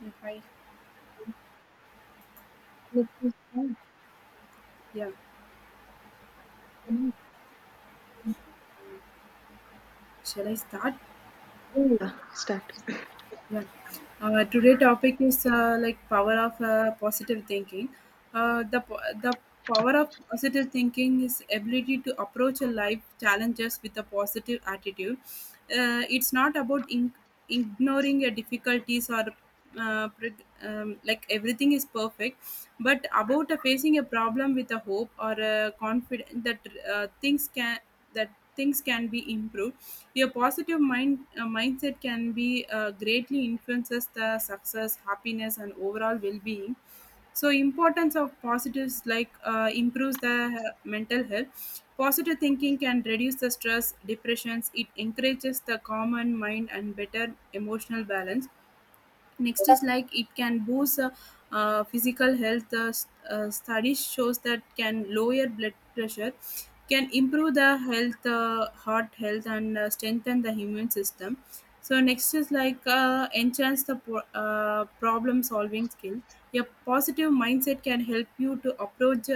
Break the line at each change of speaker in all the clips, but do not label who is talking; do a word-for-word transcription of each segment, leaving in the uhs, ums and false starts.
Yeah, hi.
Let me start.
Yeah, shall I start?
Yeah, start.
Yeah. Uh, today topic is uh, like power of uh, positive thinking. Uh, the po- the power of positive thinking is ability to approach a life challenges with a positive attitude. Uh, it's not about in- ignoring your difficulties or uh, pre- um, like everything is perfect, but about uh, facing a problem with a hope or a confidence that uh, things can that things can be improved. Your positive mind uh, mindset can be uh, greatly influences the success, happiness, and overall well-being. So, importance of positives like uh, improves the uh, mental health. Positive thinking can reduce the stress, depressions. It encourages the common mind and better emotional balance. Next is like it can boost uh, uh, physical health uh, s- uh, studies shows that can lower blood pressure, can improve the health uh, heart health and uh, strengthen the immune system. So next is like uh, enhance the pro- uh, problem solving skill. A positive mindset can help you to approach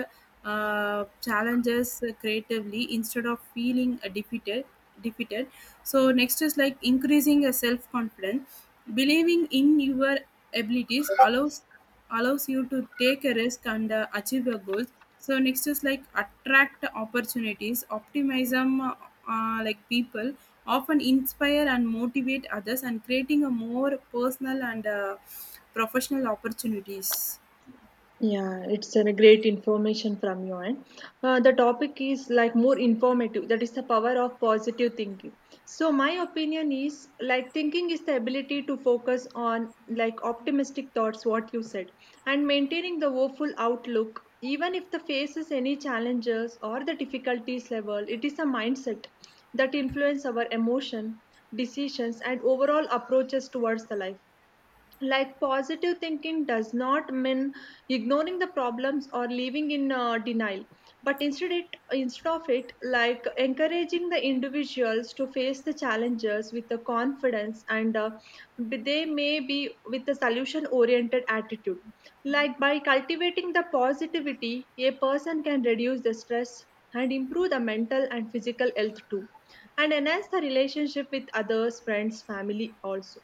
uh, challenges creatively instead of feeling uh, defeated defeated. So next is like increasing your self confidence. Believing in your abilities allows allows you to take a risk and uh, achieve your goals. So next is like attract opportunities. Optimism, uh, uh, like people, often inspire and motivate others, and creating a more personal and uh, professional opportunities.
Yeah, it's a great information from you. And uh, the topic is like more informative. That is the power of positive thinking. So my opinion is like thinking is the ability to focus on like optimistic thoughts, what you said, and maintaining the hopeful outlook, even if the faces any challenges or the difficulties level. It is a mindset that influence our emotion, decisions, and overall approaches towards the life. Like positive thinking does not mean ignoring the problems or living in uh, denial, but instead, it, instead of it, like encouraging the individuals to face the challenges with the confidence and uh, b- they may be with a solution oriented attitude. Like by cultivating the positivity, a person can reduce the stress and improve the mental and physical health too, and enhance the relationship with others, friends, family also.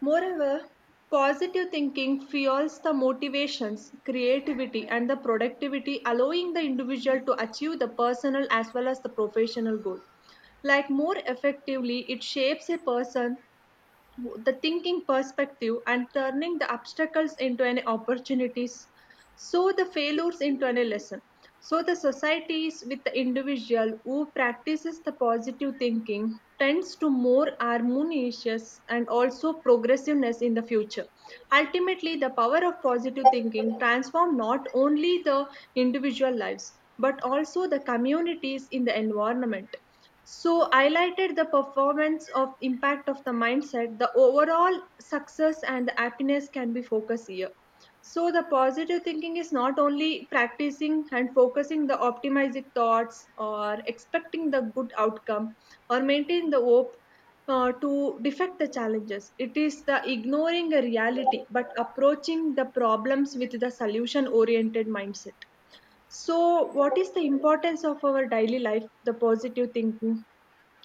Moreover, positive thinking fuels the motivations, creativity, and the productivity, allowing the individual to achieve the personal as well as the professional goal. Like more effectively, it shapes a person the thinking perspective and turning the obstacles into any opportunities, so the failures into any lesson, so the societies with the individual who practices the positive thinking tends to more harmonious and also progressiveness in the future. Ultimately, the power of positive thinking transform not only the individual lives but also the communities in the environment. So highlighted the performance of impact of the mindset, the overall success and the happiness can be focused here. So the positive thinking is not only practicing and focusing the optimistic thoughts or expecting the good outcome or maintaining the hope uh, to defect the challenges. It is the ignoring a reality but approaching the problems with the solution oriented mindset. So, what is the importance of our daily life, the positive thinking?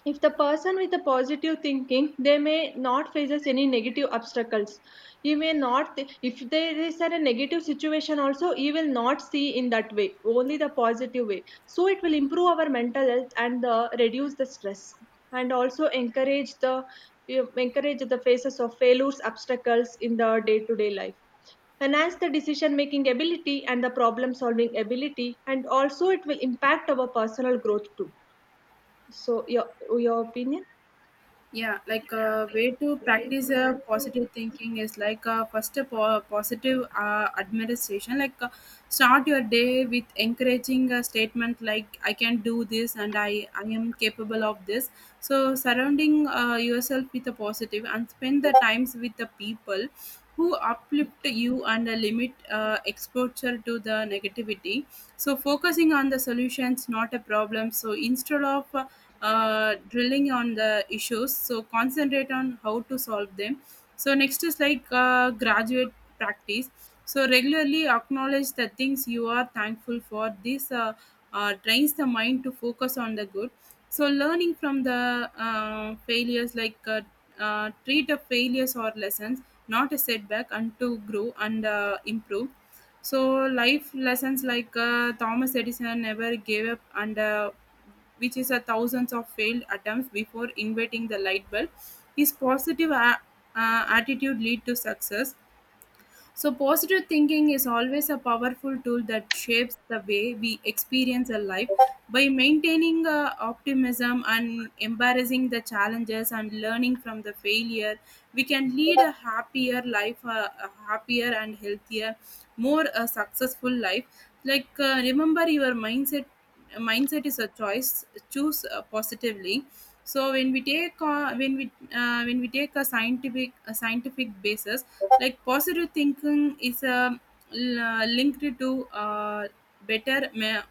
If the person with a positive thinking, they may not faces any negative obstacles. He may not, th- if there is a negative situation also, he will not see in that way, only the positive way. So it will improve our mental health and uh, reduce the stress and also encourage the encourage the faces of failures, obstacles in the day-to-day life, enhance the decision making ability and the problem solving ability, and also it will impact our personal growth too. So your your opinion?
Yeah, like a way to practice a positive thinking is like a first a po- positive uh, administration like uh, start your day with encouraging a statement like I can do this and i i am capable of this. So surrounding uh, yourself with a positive and spend the times with the people who uplift you and uh, limit uh, exposure to the negativity. So focusing on the solutions not a problem, so instead of uh, uh, drilling on the issues, so concentrate on how to solve them. So next is like uh, graduate practice. So regularly acknowledge the things you are thankful for. This uh, uh, trains the mind to focus on the good. So learning from the uh, failures, like uh, uh, treat a failures or lessons, not a setback and to grow and uh, improve. So life lessons like uh, Thomas Edison never gave up under which is a thousands of failed attempts before inventing the light bulb. His positive a- uh, attitude lead to success. So, positive thinking is always a powerful tool that shapes the way we experience our life. By maintaining uh, optimism and embracing the challenges and learning from the failure, we can lead a happier life, uh, a happier and healthier, more uh, successful life. Like, uh, remember your mindset. Mindset is a choice. Choose uh, positively. So when we take uh, when we uh, when we take a scientific a scientific basis, like positive thinking is um, l- uh, linked to uh, better ma-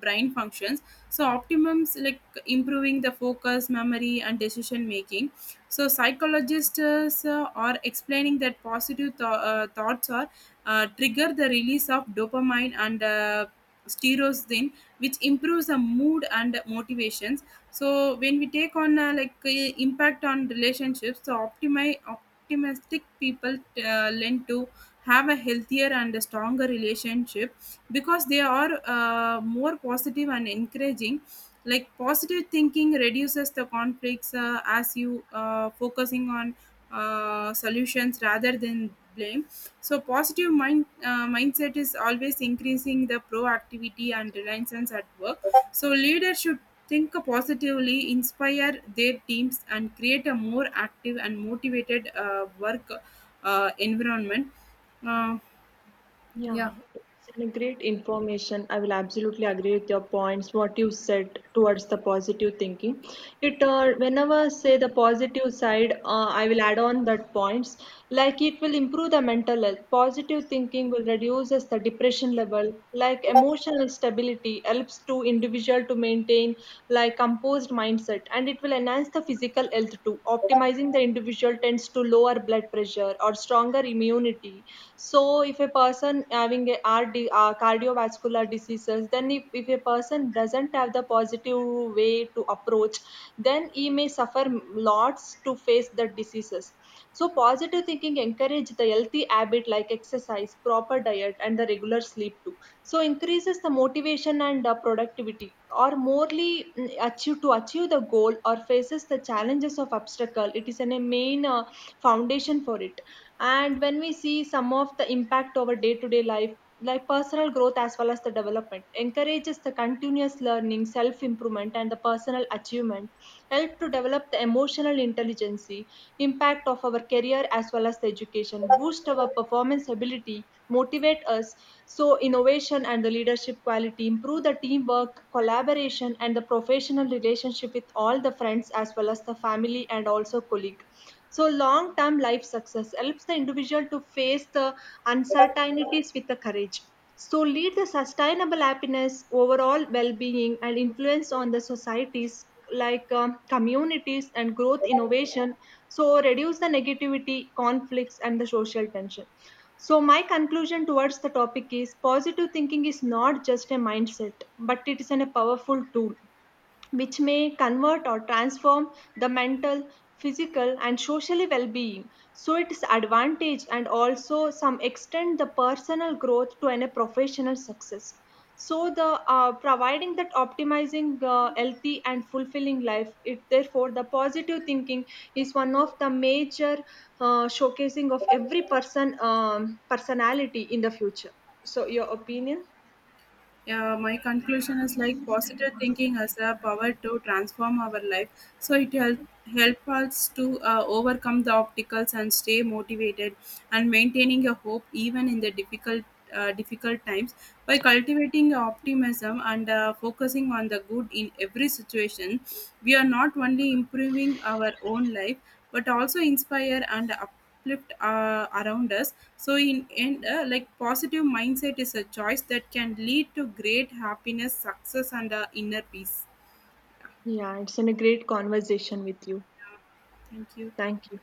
brain functions. So optimums like improving the focus memory and decision making. So psychologists uh, are explaining that positive th- uh, thoughts are uh, trigger the release of dopamine and uh, serotonin, which improves the mood and motivations. So when we take on uh, like uh, impact on relationships, so optimize optimistic people uh, lend to have a healthier and a stronger relationship, because they are uh, more positive and encouraging. Like positive thinking reduces the conflicts uh, as you uh, focusing on uh, solutions rather than blame. So positive mind uh, mindset is always increasing the proactivity and reliance at work. So leaders should think positively, inspire their teams, and create a more active and motivated uh, work uh, environment. Uh,
Yeah, it's a great information. I will absolutely agree with your points, what you said towards the positive thinking. It uh, whenever say the positive side, uh, I will add on that points. Like it will improve the mental health. Positive thinking will reduces the depression level. Like emotional stability helps to individual to maintain like composed mindset, and it will enhance the physical health too. Optimizing the individual tends to to lower blood pressure or stronger immunity. So if a person having a R D, uh, cardiovascular diseases, then if, if a person doesn't have the positive way to approach, then he may suffer lots to face the diseases. So positive thinking encourage the healthy habit like exercise, proper diet, and the regular sleep too. So increases the motivation and uh, productivity, or morely mm, achieve to achieve achieve the goal or faces the challenges of obstacle. It is an- a main uh, foundation for it. And when we see some of the impact over day to day life, like personal growth as well as the development encourages the continuous learning, self improvement, and the personal achievement, help to develop the emotional intelligence, impact of our career as well as the education, boost our performance ability, motivate us. So innovation and the leadership leadership quality, improve the teamwork, collaboration, and the professional relationship with all the friends as well as the family and also colleague. So, long term life success helps the individual to face the uncertainties with the courage. So, lead the sustainable happiness, overall well being, and influence on the societies, like um, communities and growth innovation. So, reduce the negativity, conflicts, and the social tension. So, my conclusion towards the topic is positive thinking is not just a mindset, but it is an- a powerful tool which may convert or transform the mental, physical, and social well being. So, its advantage and also some extent the personal growth to any professional success. So, the uh, providing that optimizing uh, healthy and fulfilling life, it therefore the positive thinking is one of the major uh, showcasing of every person um, personality in the future. So, your opinion?
yeah, my conclusion is like positive thinking has the power to transform our life. So it help help us to uh, overcome the obstacles and stay motivated and maintaining a hope even in the difficult uh, difficult times. By cultivating optimism and uh, focusing on the good in every situation, we are not only improving our own life but also inspire and uplift uh, around us. So in end uh, like positive mindset is a choice that can lead to great happiness success and uh, inner peace.
Yeah, it's been a great conversation with you.
Yeah. Thank you.
Thank you.